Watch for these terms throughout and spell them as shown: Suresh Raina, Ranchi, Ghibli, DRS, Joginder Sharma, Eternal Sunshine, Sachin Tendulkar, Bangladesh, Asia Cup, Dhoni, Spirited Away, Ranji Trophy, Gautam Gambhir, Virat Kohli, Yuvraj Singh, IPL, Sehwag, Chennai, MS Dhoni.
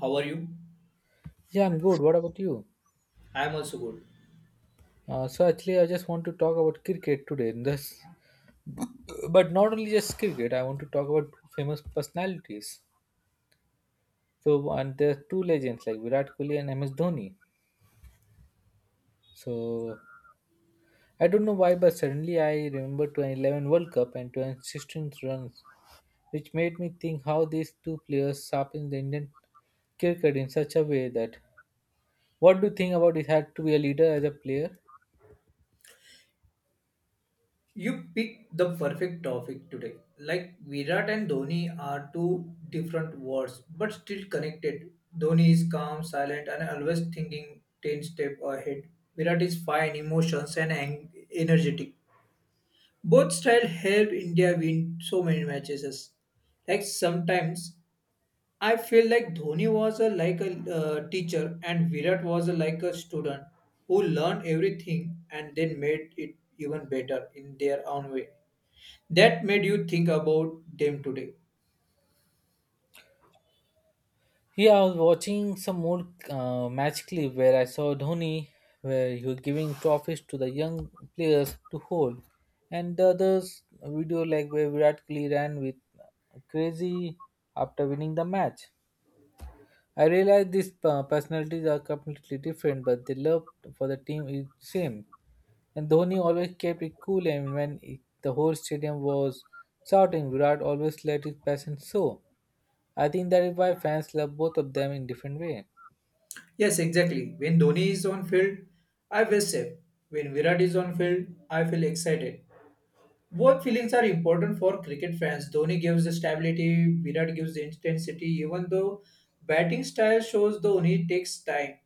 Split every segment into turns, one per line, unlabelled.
How are you?
Yeah, I'm good. What about you?
I am also good.
So actually, I just want to talk about cricket today. But not only just cricket. I want to talk about two famous personalities. So and there are two legends like Virat Kohli and MS Dhoni. So I don't know why, but suddenly I remember 2011 World Cup and 2016 runs, which made me think how these two players sharpened the Indian cricket in such a way that. What do you think about it? Had to be a leader as a player?
You picked the perfect topic today. Like Virat and Dhoni are two different worlds but still connected. Dhoni is calm, silent, and always thinking 10 steps ahead. Virat is fine, emotions, and energetic. Both style help India win so many matches. Like sometimes I feel like Dhoni was like a teacher and Virat was a, like a student who learned everything and then made it even better in their own way. That made you think about them today.
Yeah, I was watching some more match clip where I saw Dhoni, where he was giving trophies to the young players to hold, and the others video like where Virat Kohli ran with crazy after winning the match. I realized these personalities are completely different, but the love for the team is same. And Dhoni always kept it cool, and when the whole stadium was shouting, Virat always let his passion show. I think that is why fans love both of them in different way.
Yes, exactly. When Dhoni is on field, I feel safe. When Virat is on field, I feel excited. Both feelings are important for cricket fans. Dhoni gives the stability, Virat gives the intensity, even though batting style shows Dhoni takes time,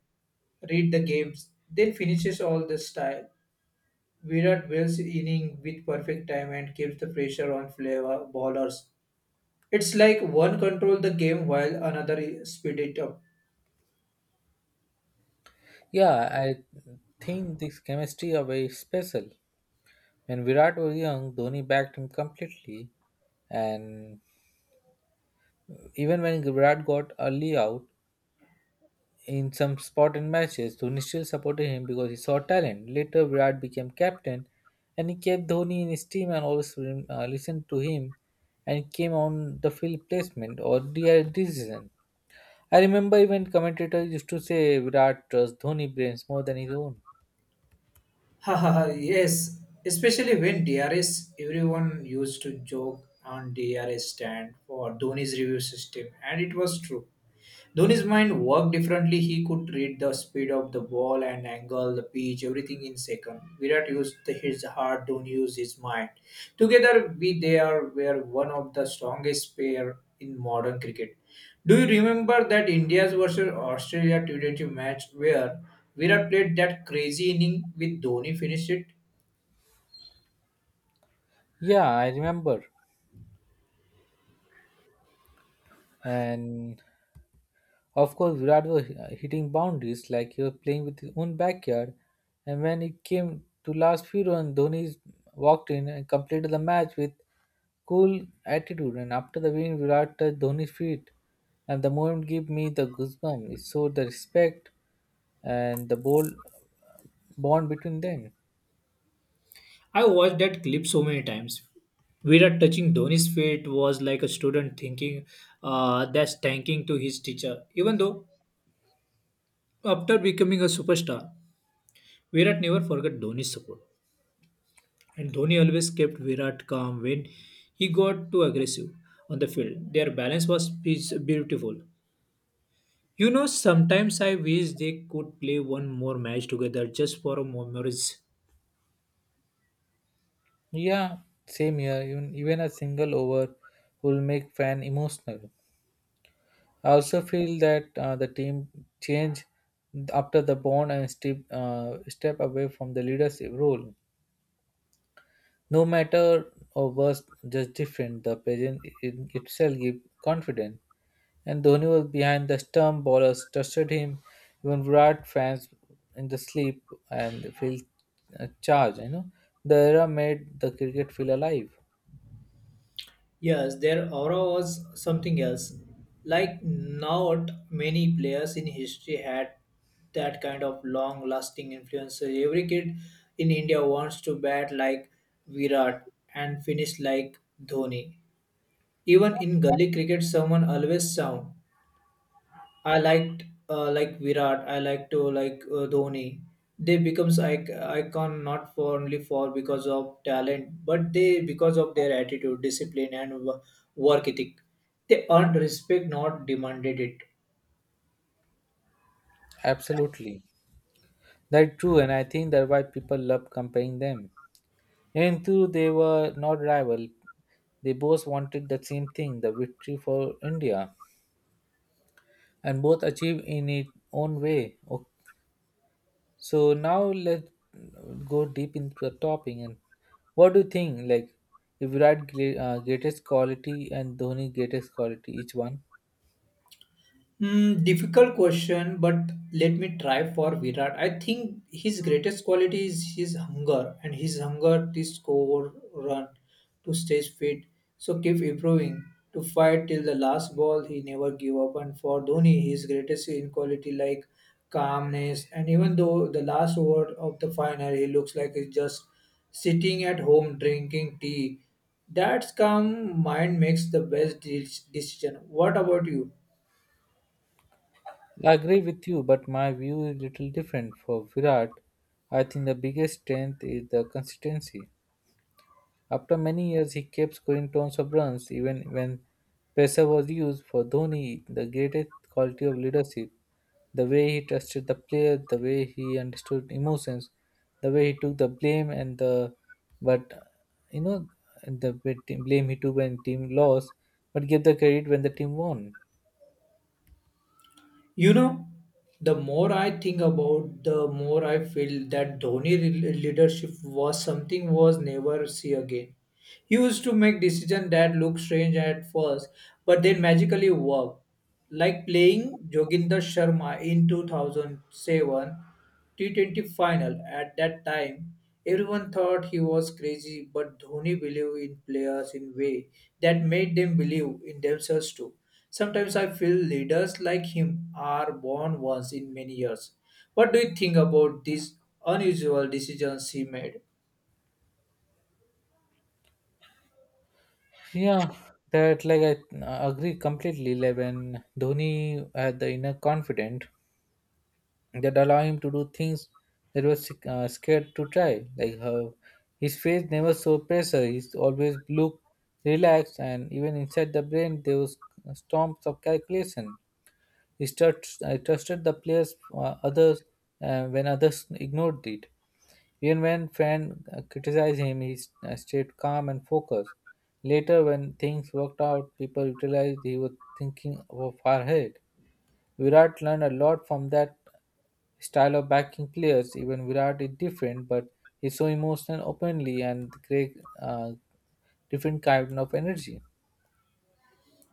read the games, then finishes all the style. Virat builds inning with perfect time and keeps the pressure on flavor bowlers. It's like one control the game while another speed it up.
Yeah, I think this chemistry are very special. When Virat was young, Dhoni backed him completely, and even when Virat got early out in some spot in matches, Dhoni still supported him because he saw talent. Later, Virat became captain, and he kept Dhoni in his team and always listened to him, and came on the field placement or the decision. I remember even commentators used to say Virat trusts Dhoni brains more than his own.
Ha ha ha, yes. Especially when DRS, everyone used to joke on DRS stand for Dhoni's review system, and it was true. Dhoni's mind worked differently. He could read the speed of the ball and angle, the pitch, everything in second. Virat used his heart, Dhoni used his mind. Together, we they are were one of the strongest pair in modern cricket. Do you remember that India's versus Australia T20 match where Virat played that crazy inning with Dhoni finished it?
Yeah, I remember and of course, Virat was hitting boundaries like he was playing with his own backyard. And when it came to last few runs, Dhoni walked in and completed the match with cool attitude. And after the win, Virat touched Dhoni's feet, and the moment gave me the goosebumps. It showed the respect and the bold bond between them.
I watched that clip so many times. Virat touching Dhoni's feet was like a student thinking that's thanking to his teacher. Even though after becoming a superstar, Virat never forgot Dhoni's support, and Dhoni always kept Virat calm when he got too aggressive on the field. Their balance was is beautiful. You know, sometimes I wish they could play one more match together just for a memories.
Yeah, same here. Even a single over will make fan emotional. I also feel that the team change after the bond and step away from the leadership role. No matter or worse, just different, the present in itself give confidence. And Dhoni was behind the stump, ballers trusted him, even Virat fans in the sleep and feel charged. The era made the cricket feel alive.
Yes, their aura was something else. Like, not many players in history had that kind of long lasting influence. So every kid in India wants to bat like Virat and finish like Dhoni. Even in gully cricket, someone always sound I liked like Virat. I like to like Dhoni. They becomes icon not for only for because of talent, but they because of their attitude, discipline, and work ethic. They earned respect, not demanded it.
Absolutely. That's true, and I think that why people love comparing them. And though they were not rival, they both wanted the same thing, the victory for India, and both achieved in its own way. So now let's go deep into the topic. And what do you think? Like, if you write greatest quality and Dhoni greatest quality, each one.
Hmm, difficult question, but let me try for Virat. I think his greatest quality is his hunger and his hunger to score, run, to stay fit. So keep improving, to fight till the last ball. He never give up. And for Dhoni, his greatest in quality like calmness. And even though the last over of the final, he looks like he's just sitting at home drinking tea. That's calm mind makes the best decision. What about you?
I agree with you, but my view is little different. For Virat, I think the biggest strength is the consistency. After many years, he kept scoring tons of runs even when pressure was used for Dhoni. The greatest quality of leadership, the way he trusted the player, the way he understood emotions, the way he took the blame and the but you know the bit- blame he took when team lost, but gave the credit when the team won.
You know, the more I think about, the more I feel that Dhoni leadership was something was never see again. He used to make decisions that look strange at first, but then magically work. Like playing Joginder Sharma in 2007 T20 final. At that time, everyone thought he was crazy, but Dhoni believed in players in way that made them believe in themselves too. Sometimes I feel leaders like him are born once in many years. What do you think about these unusual decisions he made?
Yeah, that like I agree completely. Like when Dhoni had the inner confidence that allow him to do things that was scared to try. Like how his face never showed pressure. He's always looked relaxed, and even inside the brain there was storms of calculation. I trusted the players, others when others ignored it. Even when friend criticized him, he stayed calm and focused. Later, when things worked out, people realized he was thinking of far ahead. Virat learned a lot from that style of backing players. Even Virat is different, but he's so emotional, openly, and great, different kind of energy.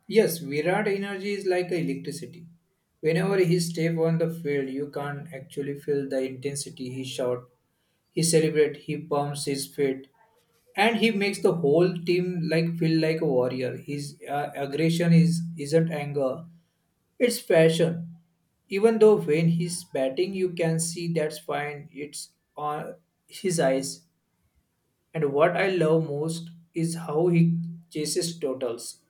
Yes, Virat energy is like electricity. Whenever he step on the field, you can actually feel the intensity. He shout, he celebrate, he pumps his feet, and he makes the whole team like feel like a warrior. His aggression is isn't anger, it's passion. Even though when he's batting, you can see that's fine. It's on his eyes. And what I love most is how he chases totals.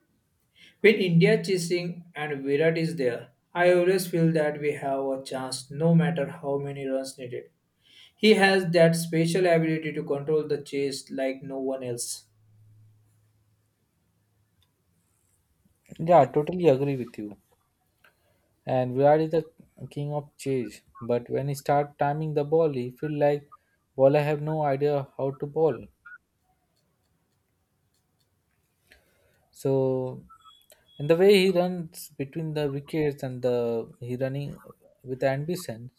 When India chasing and Virat is there, I always feel that we have a chance no matter how many runs needed. He has that special ability to control the chase like no one else.
Yeah, totally agree with you. And Virat is the king of chase, but when he start timing the ball, he feel like bowler have no idea how to bowl. So, and the way he runs between the wickets and the he running with ambition,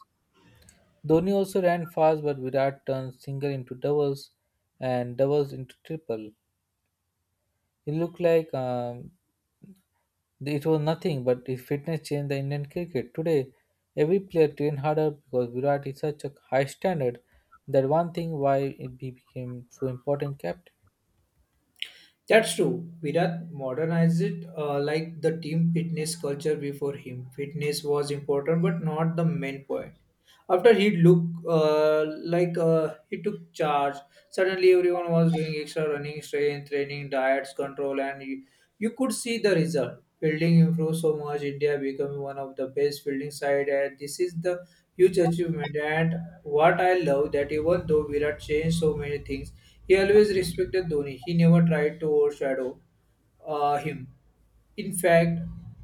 Dhoni also ran fast, but Virat turned single into doubles and doubles into triple. It looked like it was nothing, but his fitness changed the Indian cricket. Today, every player trained harder because Virat is such a high standard. That one thing why it became so important captain.
That's true. Virat modernized it like the team fitness culture before him. Fitness was important but not the main point. After he looked like he took charge, suddenly everyone was doing extra running, strength training, diets, control, and you could see the result. Fielding improved so much, India becoming one of the best fielding side, and this is the huge achievement. And what I love that even though Virat changed so many things, he always respected Dhoni. He never tried to overshadow him. In fact,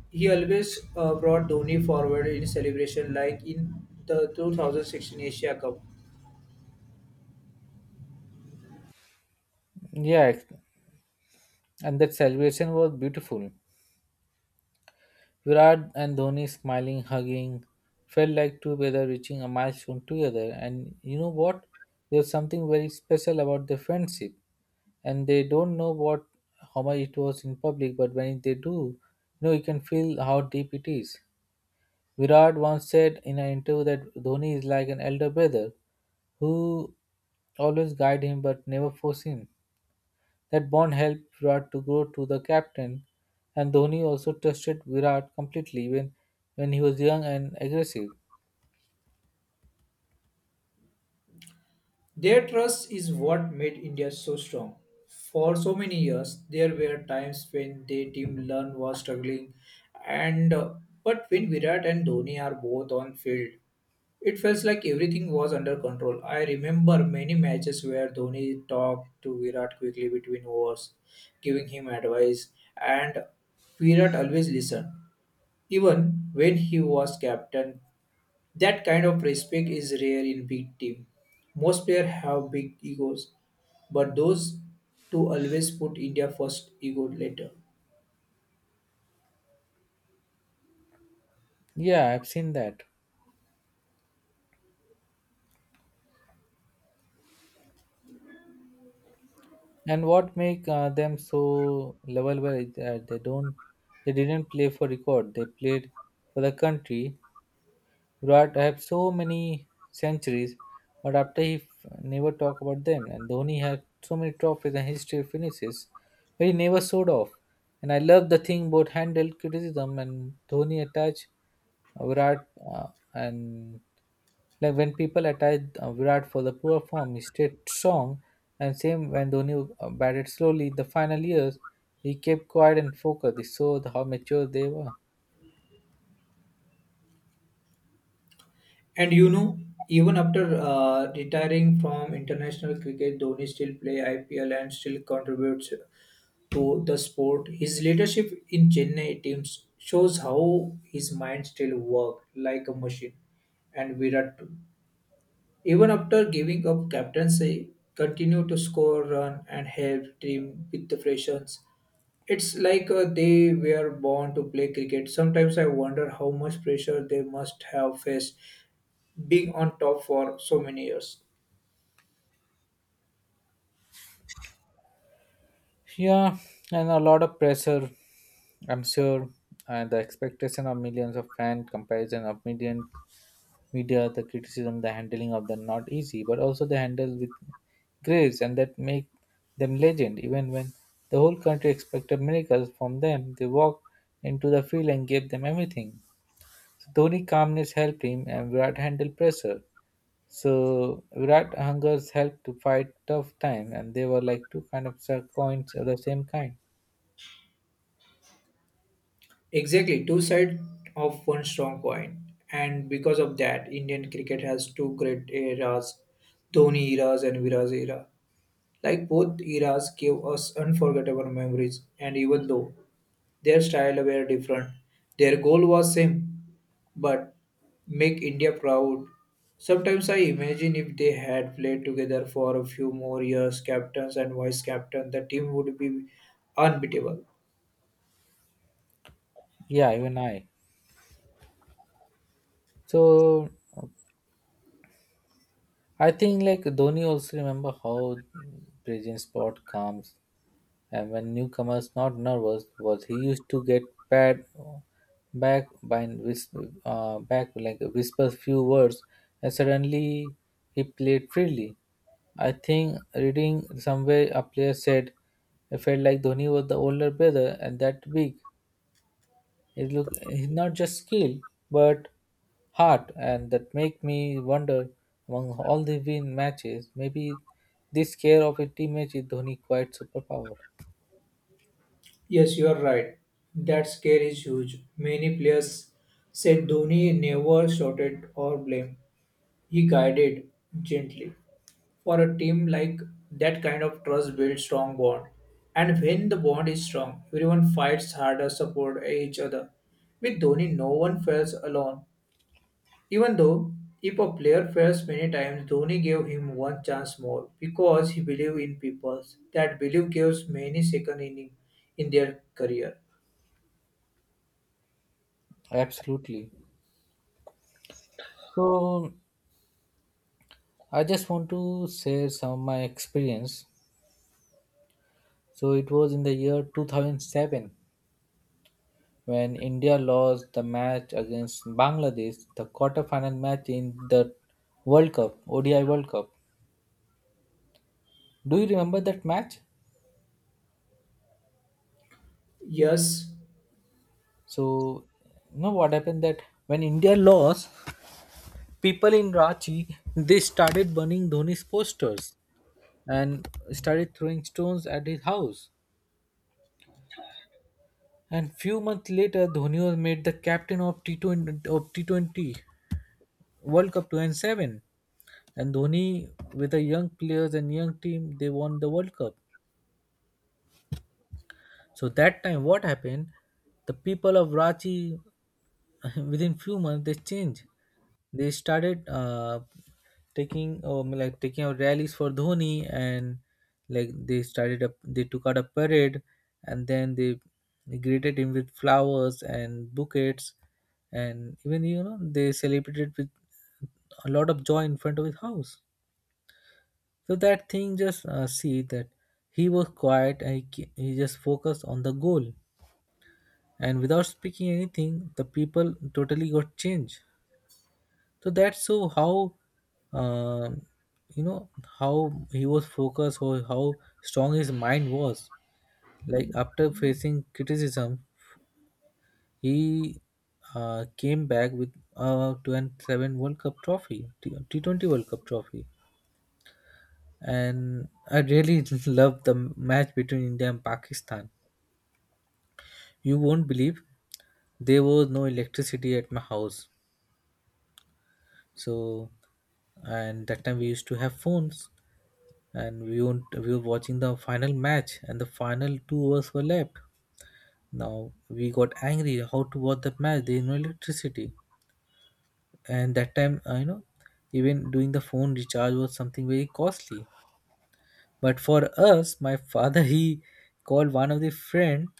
he always brought Dhoni forward in celebration, like in the 2016 Asia Cup.
Yeah, and that celebration was beautiful. Virat and Dhoni smiling, hugging, felt like two brothers reaching a milestone together. And you know what? There's something very special about their friendship. And they don't know what how much it was in public, but when they do, you can feel how deep it is. Virat once said in an interview that Dhoni is like an elder brother who always guide him but never force him. That bond helped Virat to grow to the captain, and Dhoni also trusted Virat completely when he was young and aggressive.
Their trust is what made India so strong. For so many years, there were times when their team learn was struggling, and but when Virat and Dhoni are both on field, it felt like everything was under control. I remember many matches where Dhoni talked to Virat quickly between overs, giving him advice, and Virat always listened. Even when he was captain, that kind of respect is rare in big team. Most players have big egos, but those two always put India first ego later.
Yeah, I've seen that. And what make them so lovable is that they didn't play for record. They played for the country, Virat have so many centuries, but after he never talk about them. And Dhoni had so many trophies and history finishes, but he never showed off. And I love the thing both handle criticism and Dhoni attach Virat uh, and like when people attach Virat for the poor form, he stayed strong. And same when Dhoni batted slowly in the final years, he kept quiet and focused. It showed how mature they were.
And you know, even after retiring from international cricket, Dhoni still play IPL and still contributes to the sport. His leadership in Chennai teams shows how his mind still work like a machine. And Virat too. Even after giving up captaincy, continued to score run and help team with the freshers. It's like they were born to play cricket. Sometimes I wonder how much pressure they must have faced being on top for so many years.
Yeah, and a lot of pressure, I'm sure, and the expectation of millions of fan comparison of million media, the criticism, the handling of them not easy, but also they handle with grace, and that make them legend. Even when the whole country expected miracles from them, they walked into the field and gave them everything. So Dhoni calmness helped him, and Virat handled pressure. So Virat hungers helped to fight tough time, and they were like two kind of coins of the same kind.
Exactly, two sides of one strong coin. And because of that, Indian cricket has two great eras, Dhoni eras and Viraj era. Like both eras gave us unforgettable memories, and even though their style were different. Their goal was same, but make India proud. Sometimes I imagine if they had played together for a few more years, captains and vice captain, the team would be unbeatable.
Yeah, even I. So I think like Dhoni also remember how present spot comes and when newcomers not nervous was he used to get pat back by whisper, back like whisper few words and suddenly he played freely. I think reading somewhere a player said it felt like Dhoni was the older brother and that big. It's not just skill, but heart, and that make me wonder among all the win matches, maybe this care of a teammate is Dhoni quite superpower.
Yes, you are right. That scare is huge. Many players said Dhoni never shouted or blamed. He guided gently. For a team like that kind of trust builds strong bond, and when the bond is strong everyone fights harder support each other. With Dhoni no one feels alone, even though if a player fails many times Dhoni gave him one chance more because he believed in people. That belief gives many second inning in their career.
Absolutely. So I just want to share some of my experience. So it was in the year 2007 when India lost the match against Bangladesh, the quarterfinal match in the World Cup, ODI World Cup. Do you remember that match?
Yes.
So, you know what happened that when India lost, people in Ranchi they started burning Dhoni's posters and started throwing stones at his house. And few months later, Dhoni was made the captain of T20 of T20 World Cup 2007. And Dhoni, with the young players and young team, they won the World Cup. So that time, what happened? The people of Rachi, within few months, they changed. They started taking like taking out rallies for Dhoni, and like they took out a parade, and then they greeted him with flowers and bouquets, and even they celebrated with a lot of joy in front of his house. So that thing just see that he was quiet and he just focused on the goal, and without speaking anything the people totally got changed. So that's so how uh, you know how he was focused or how strong his mind was, like after facing criticism he came back with a 27 world cup trophy T20 world cup trophy, and I really love the match between India and Pakistan. You won't believe there was no electricity at my house. So, and that time we used to have phones, and we won't, we were watching the final match, and the final 2 hours were left. Now we got angry. How to watch the match? There is no electricity, and that time even doing the phone recharge was something very costly. But for us, my father he called one of the friend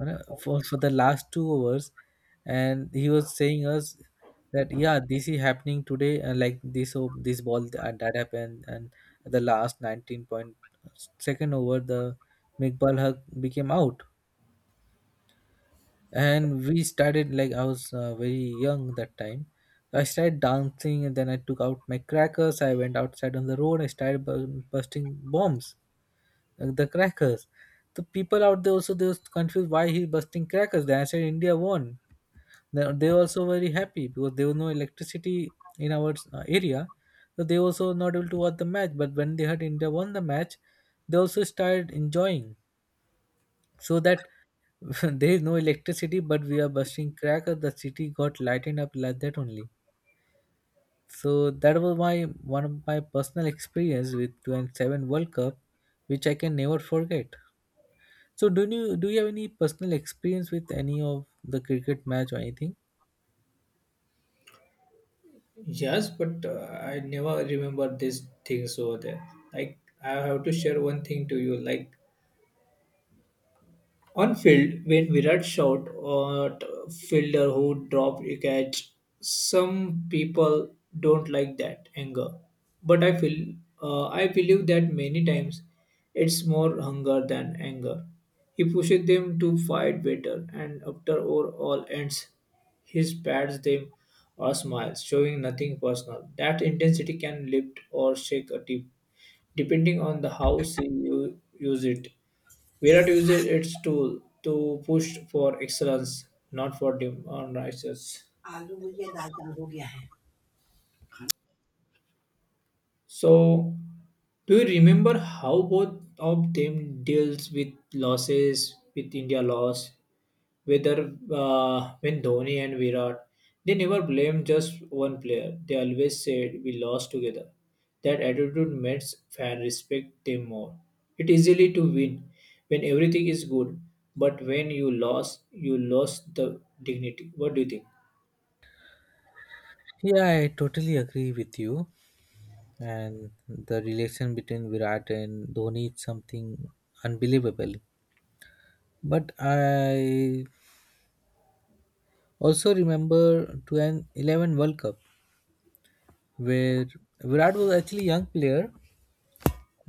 for the last 2 hours, and he was saying us that yeah, this is happening today, and like this oh, this ball and that happened, and the last 19 point second over the make ball hug became out, and we started like I was very young that time. I started dancing and then I took out my crackers. I went outside on the road. I started busting bombs the crackers. The people out there also they was confused why he busting crackers. They said India won. They were also very happy because there was no electricity in our area, so they also not able to watch the match. But when they heard India won the match, they also started enjoying. So that there is no electricity, but we are busting crackers. The city got lightened up like that only. So that was my one of my personal experience with 27 World Cup, which I can never forget. So do you have any personal experience with any of the cricket match or anything?
Yes, but I never remember these things over there. Like I have to share one thing to you. Like on field, when Virat shot at a fielder who dropped a catch, some people don't like that anger. But I feel, I believe that many times it's more hunger than anger. He pushes them to fight better, and after all ends, he pats them or smiles, showing nothing personal. That intensity can lift or shake a team, depending on the how you use it. Virat uses its tool to push for excellence, not for on rises. So, do you remember how both of them deals with losses, with India loss, whether when Dhoni and Virat, they never blame just one player. They always said we lost together. That attitude makes fan respect them more. It easily to win when everything is good, but when you lost the dignity. What do you think?
Yeah, I totally agree with you. And the relation between Virat and Dhoni is something unbelievable. But I also remember to an 11 World Cup where Virat was actually young player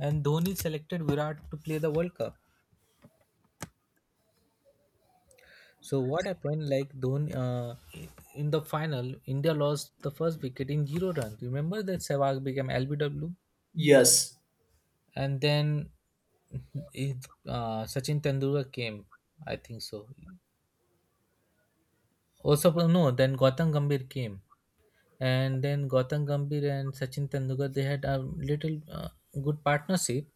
and Dhoni selected Virat to play the World Cup. So what happened? Like Dhoni in the final, India lost the first wicket in 0 runs. Remember that Sehwag became LBW.
Yes.
And then Sachin Tendulkar came, I think so. Also, no, then Gautam Gambhir came, and then Gautam Gambhir and Sachin Tendulkar they had a little good partnership.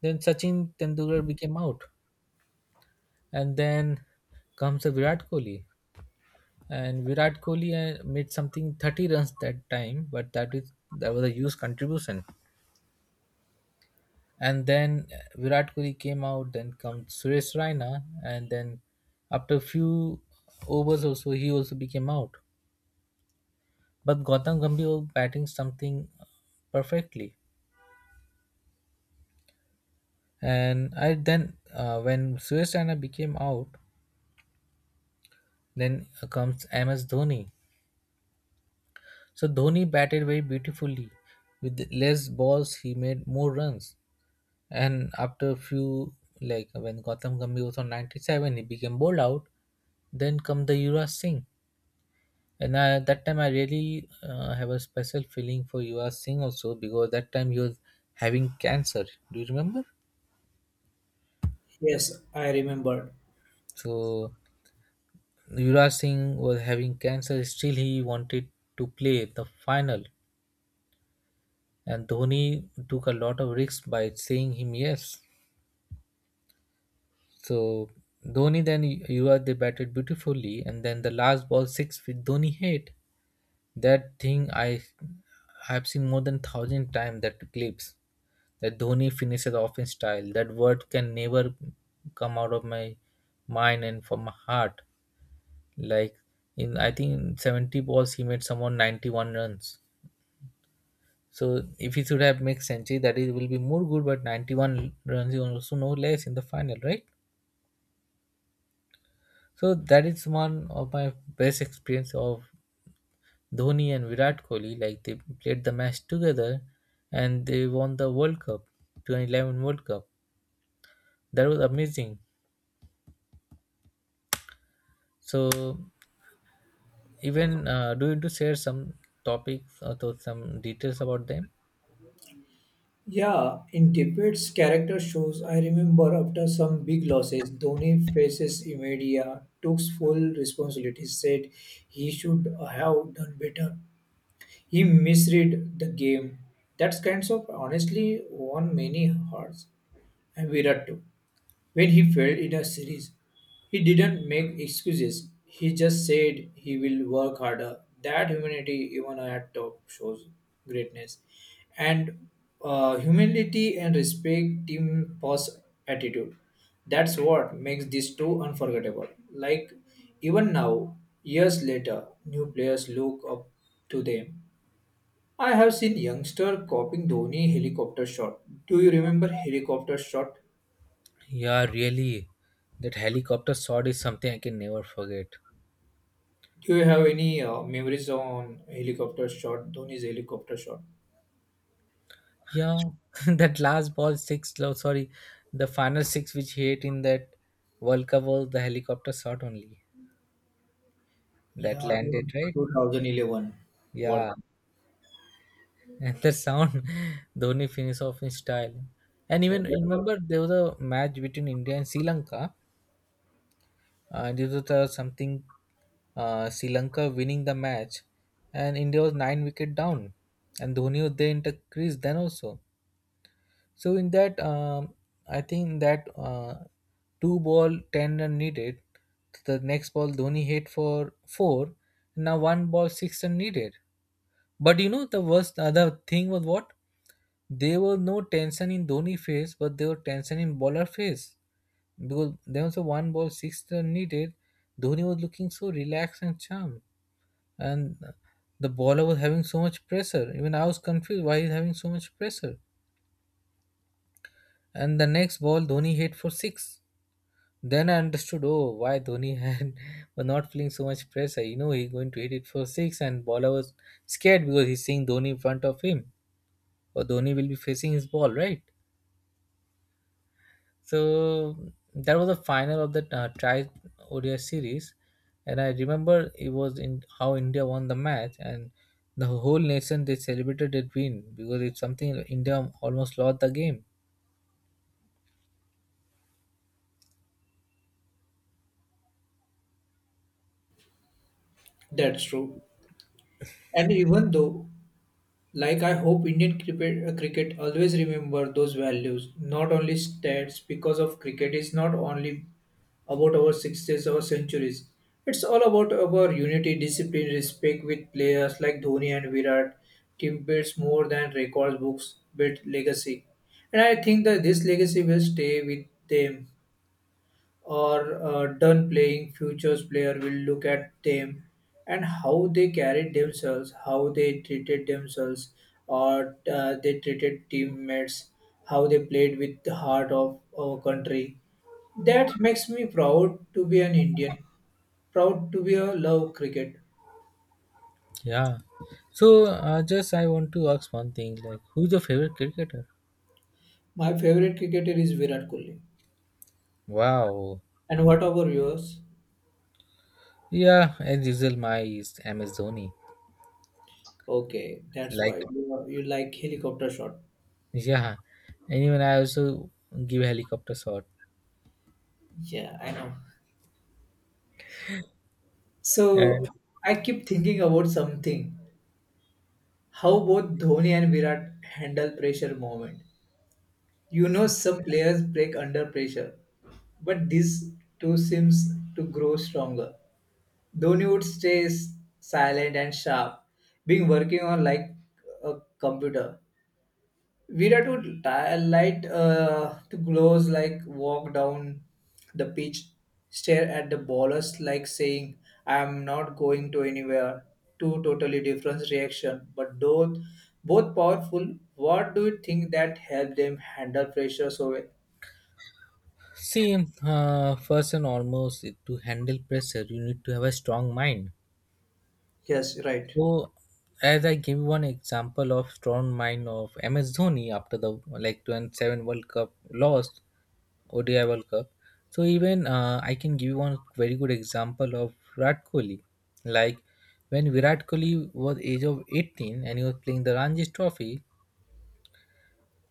Then Sachin Tendulkar became out, and then comes a Virat Kohli, and Virat Kohli made something 30 runs that time, but that was a huge contribution. And then Virat Kohli came out, then comes Suresh Raina, and then after few overs also he also became out. But Gautam Gambhir was batting something perfectly. And I then when Suresh Raina became out, then comes MS Dhoni. So Dhoni batted very beautifully. With less balls, he made more runs. And after a few, like when Gautam Gambhir was on 97, he became bowled out. Then come the Yuvraj Singh. And that time I really have a special feeling for you are seeing also because that time you was having cancer. Do you remember?
Yes, I remembered.
So Yuvraj Singh was having cancer. Still, he wanted to play the final, and Dhoni took a lot of risks by saying him yes. So Dhoni then Yuvraj they batted beautifully, and then the last ball six with Dhoni hit, that thing I have seen more than thousand times. That clips, that Dhoni finishes off in style. That word can never come out of my mind and from my heart. Like in I think in 70 balls he made someone 91 runs. So if he should have made century, that is will be more good. But 91 runs is also no less in the final, right? So that is one of my best experience of Dhoni and Virat Kohli, like they played the match together and they won the World Cup, 2011 World Cup. That was amazing. So, even do you want to share some topics or to some details about them?
Yeah, in Tippett's character shows, I remember after some big losses, Dhoni faces media, took full responsibility, said he should have done better. He misread the game. That's kinds of honestly won many hearts and Virat too. When he failed in a series, he didn't make excuses. He just said he will work harder. That humanity, even at top, shows greatness. And humility and respect team boss attitude. That's what makes these two unforgettable. Like even now, years later, new players look up to them. I have seen youngster copying Dhoni helicopter shot. Do you remember helicopter shot?
Yeah, really. That helicopter shot is something I can never forget.
Do you have any memories on helicopter shot, Dhoni's helicopter shot?
Yeah, that last ball six, no, sorry, the final six which he hit in that World Cup was the helicopter shot only that
Yeah,
landed,
even
right?
2011 World
Yeah,
Cup.
and the sound Dhoni finish off in style. And
Yeah,
even remember there was a match between India and Sri Lanka. This was something Sri Lanka winning the match, and India was 9 wicket down, and Dhoni was there in the crease then also. So in that, I think that 2 ball 10 run needed. The next ball Dhoni hit for four. Now one ball 6 run needed. But the worst other thing was what? There was no tension in Dhoni phase, but there was tension in bowler phase. Because there was a 1 ball 6 run needed. Dhoni was looking so relaxed and charmed. And the bowler was having so much pressure. Even I was confused why he's having so much pressure. And the next ball, Dhoni hit for six. Then I understood, oh, why Dhoni had was not feeling so much pressure. He's going to hit it for six, and bowler was scared because he's seeing Dhoni in front of him. Or Dhoni will be facing his ball, right? So that was the final of that tri ODI series, and I remember it was in how India won the match, and the whole nation they celebrated that win because it's something India almost lost the game.
that's true. And even though like I hope Indian cricket, cricket always remember those values, not only stats, because of cricket is not only about our sixties or centuries. It's all about our unity, discipline, respect with players like Dhoni and Virat. Team builds more than records books, built legacy. And I think that this legacy will stay with them or done playing, futures player will look at them and how they carried themselves, how they treated themselves, or they treated teammates, how they played with the heart of our country. That makes me proud to be an Indian, proud to be a love cricket.
Yeah. So just I want to ask one thing, like who's your favorite cricketer?
My favorite cricketer is Virat Kohli.
Wow.
And what about yours?
Yeah, as usual, my is MS Dhoni.
Okay, that's
Like
why you like helicopter shot.
yeah, and even I also give helicopter shot.
Yeah, I know. So
And
I keep thinking about something, how both Dhoni and Virat handle pressure moment. You know, some players break under pressure, but these two seems to grow stronger. Dhoni would stay silent and sharp, being working on like a computer, we had to light to close, like walk down the pitch, stare at the ballers, like saying, "I am not going to anywhere." Two totally different reaction, but both powerful. What do you think that helped them handle pressure so well?
see, first and almost to handle pressure, you need to have a strong mind.
Yes, right.
So, as I give one example of strong mind of MS Dhoni after the like 27 World Cup loss, ODI World Cup. So even I can give you one very good example of Virat Kohli. Like when Virat Kohli was age of 18 and he was playing the Ranji Trophy,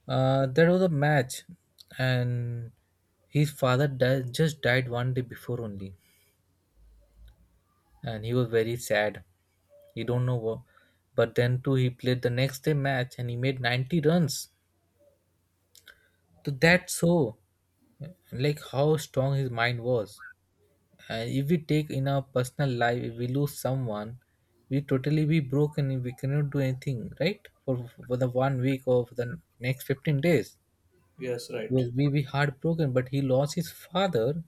there was a match and his father just died 1 day before only and he was very sad. He don't know what. But then too, he played the next day match and he made 90 runs. So that's so like how strong his mind was. And if we take in our personal life, if we lose someone, we totally be broken. If we cannot do anything, right? For the 1 week or for the next 15 days,
Yes, right.
because we be heartbroken. But he lost his father,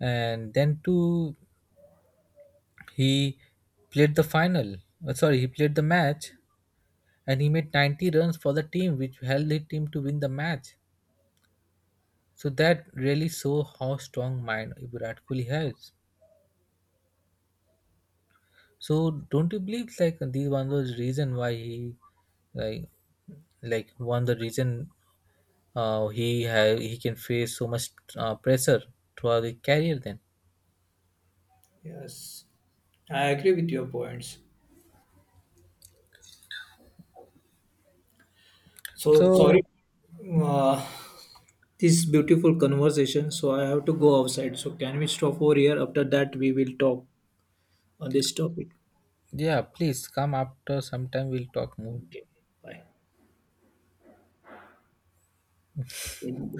and then too, he played the final. Sorry, he played the match and he made 90 runs for the team, which helped the team to win the match. So that really show how strong mind Virat Kohli has. So don't you believe like this one was reason why he like like one the reason he can face so much pressure throughout his career then.
Yes, I agree with your points. So
So
sorry, uh, this beautiful conversation. So I have to go outside. So can we stop over here? After that, we will talk on this topic.
yeah, please come after sometime we'll talk more.
Okay, bye.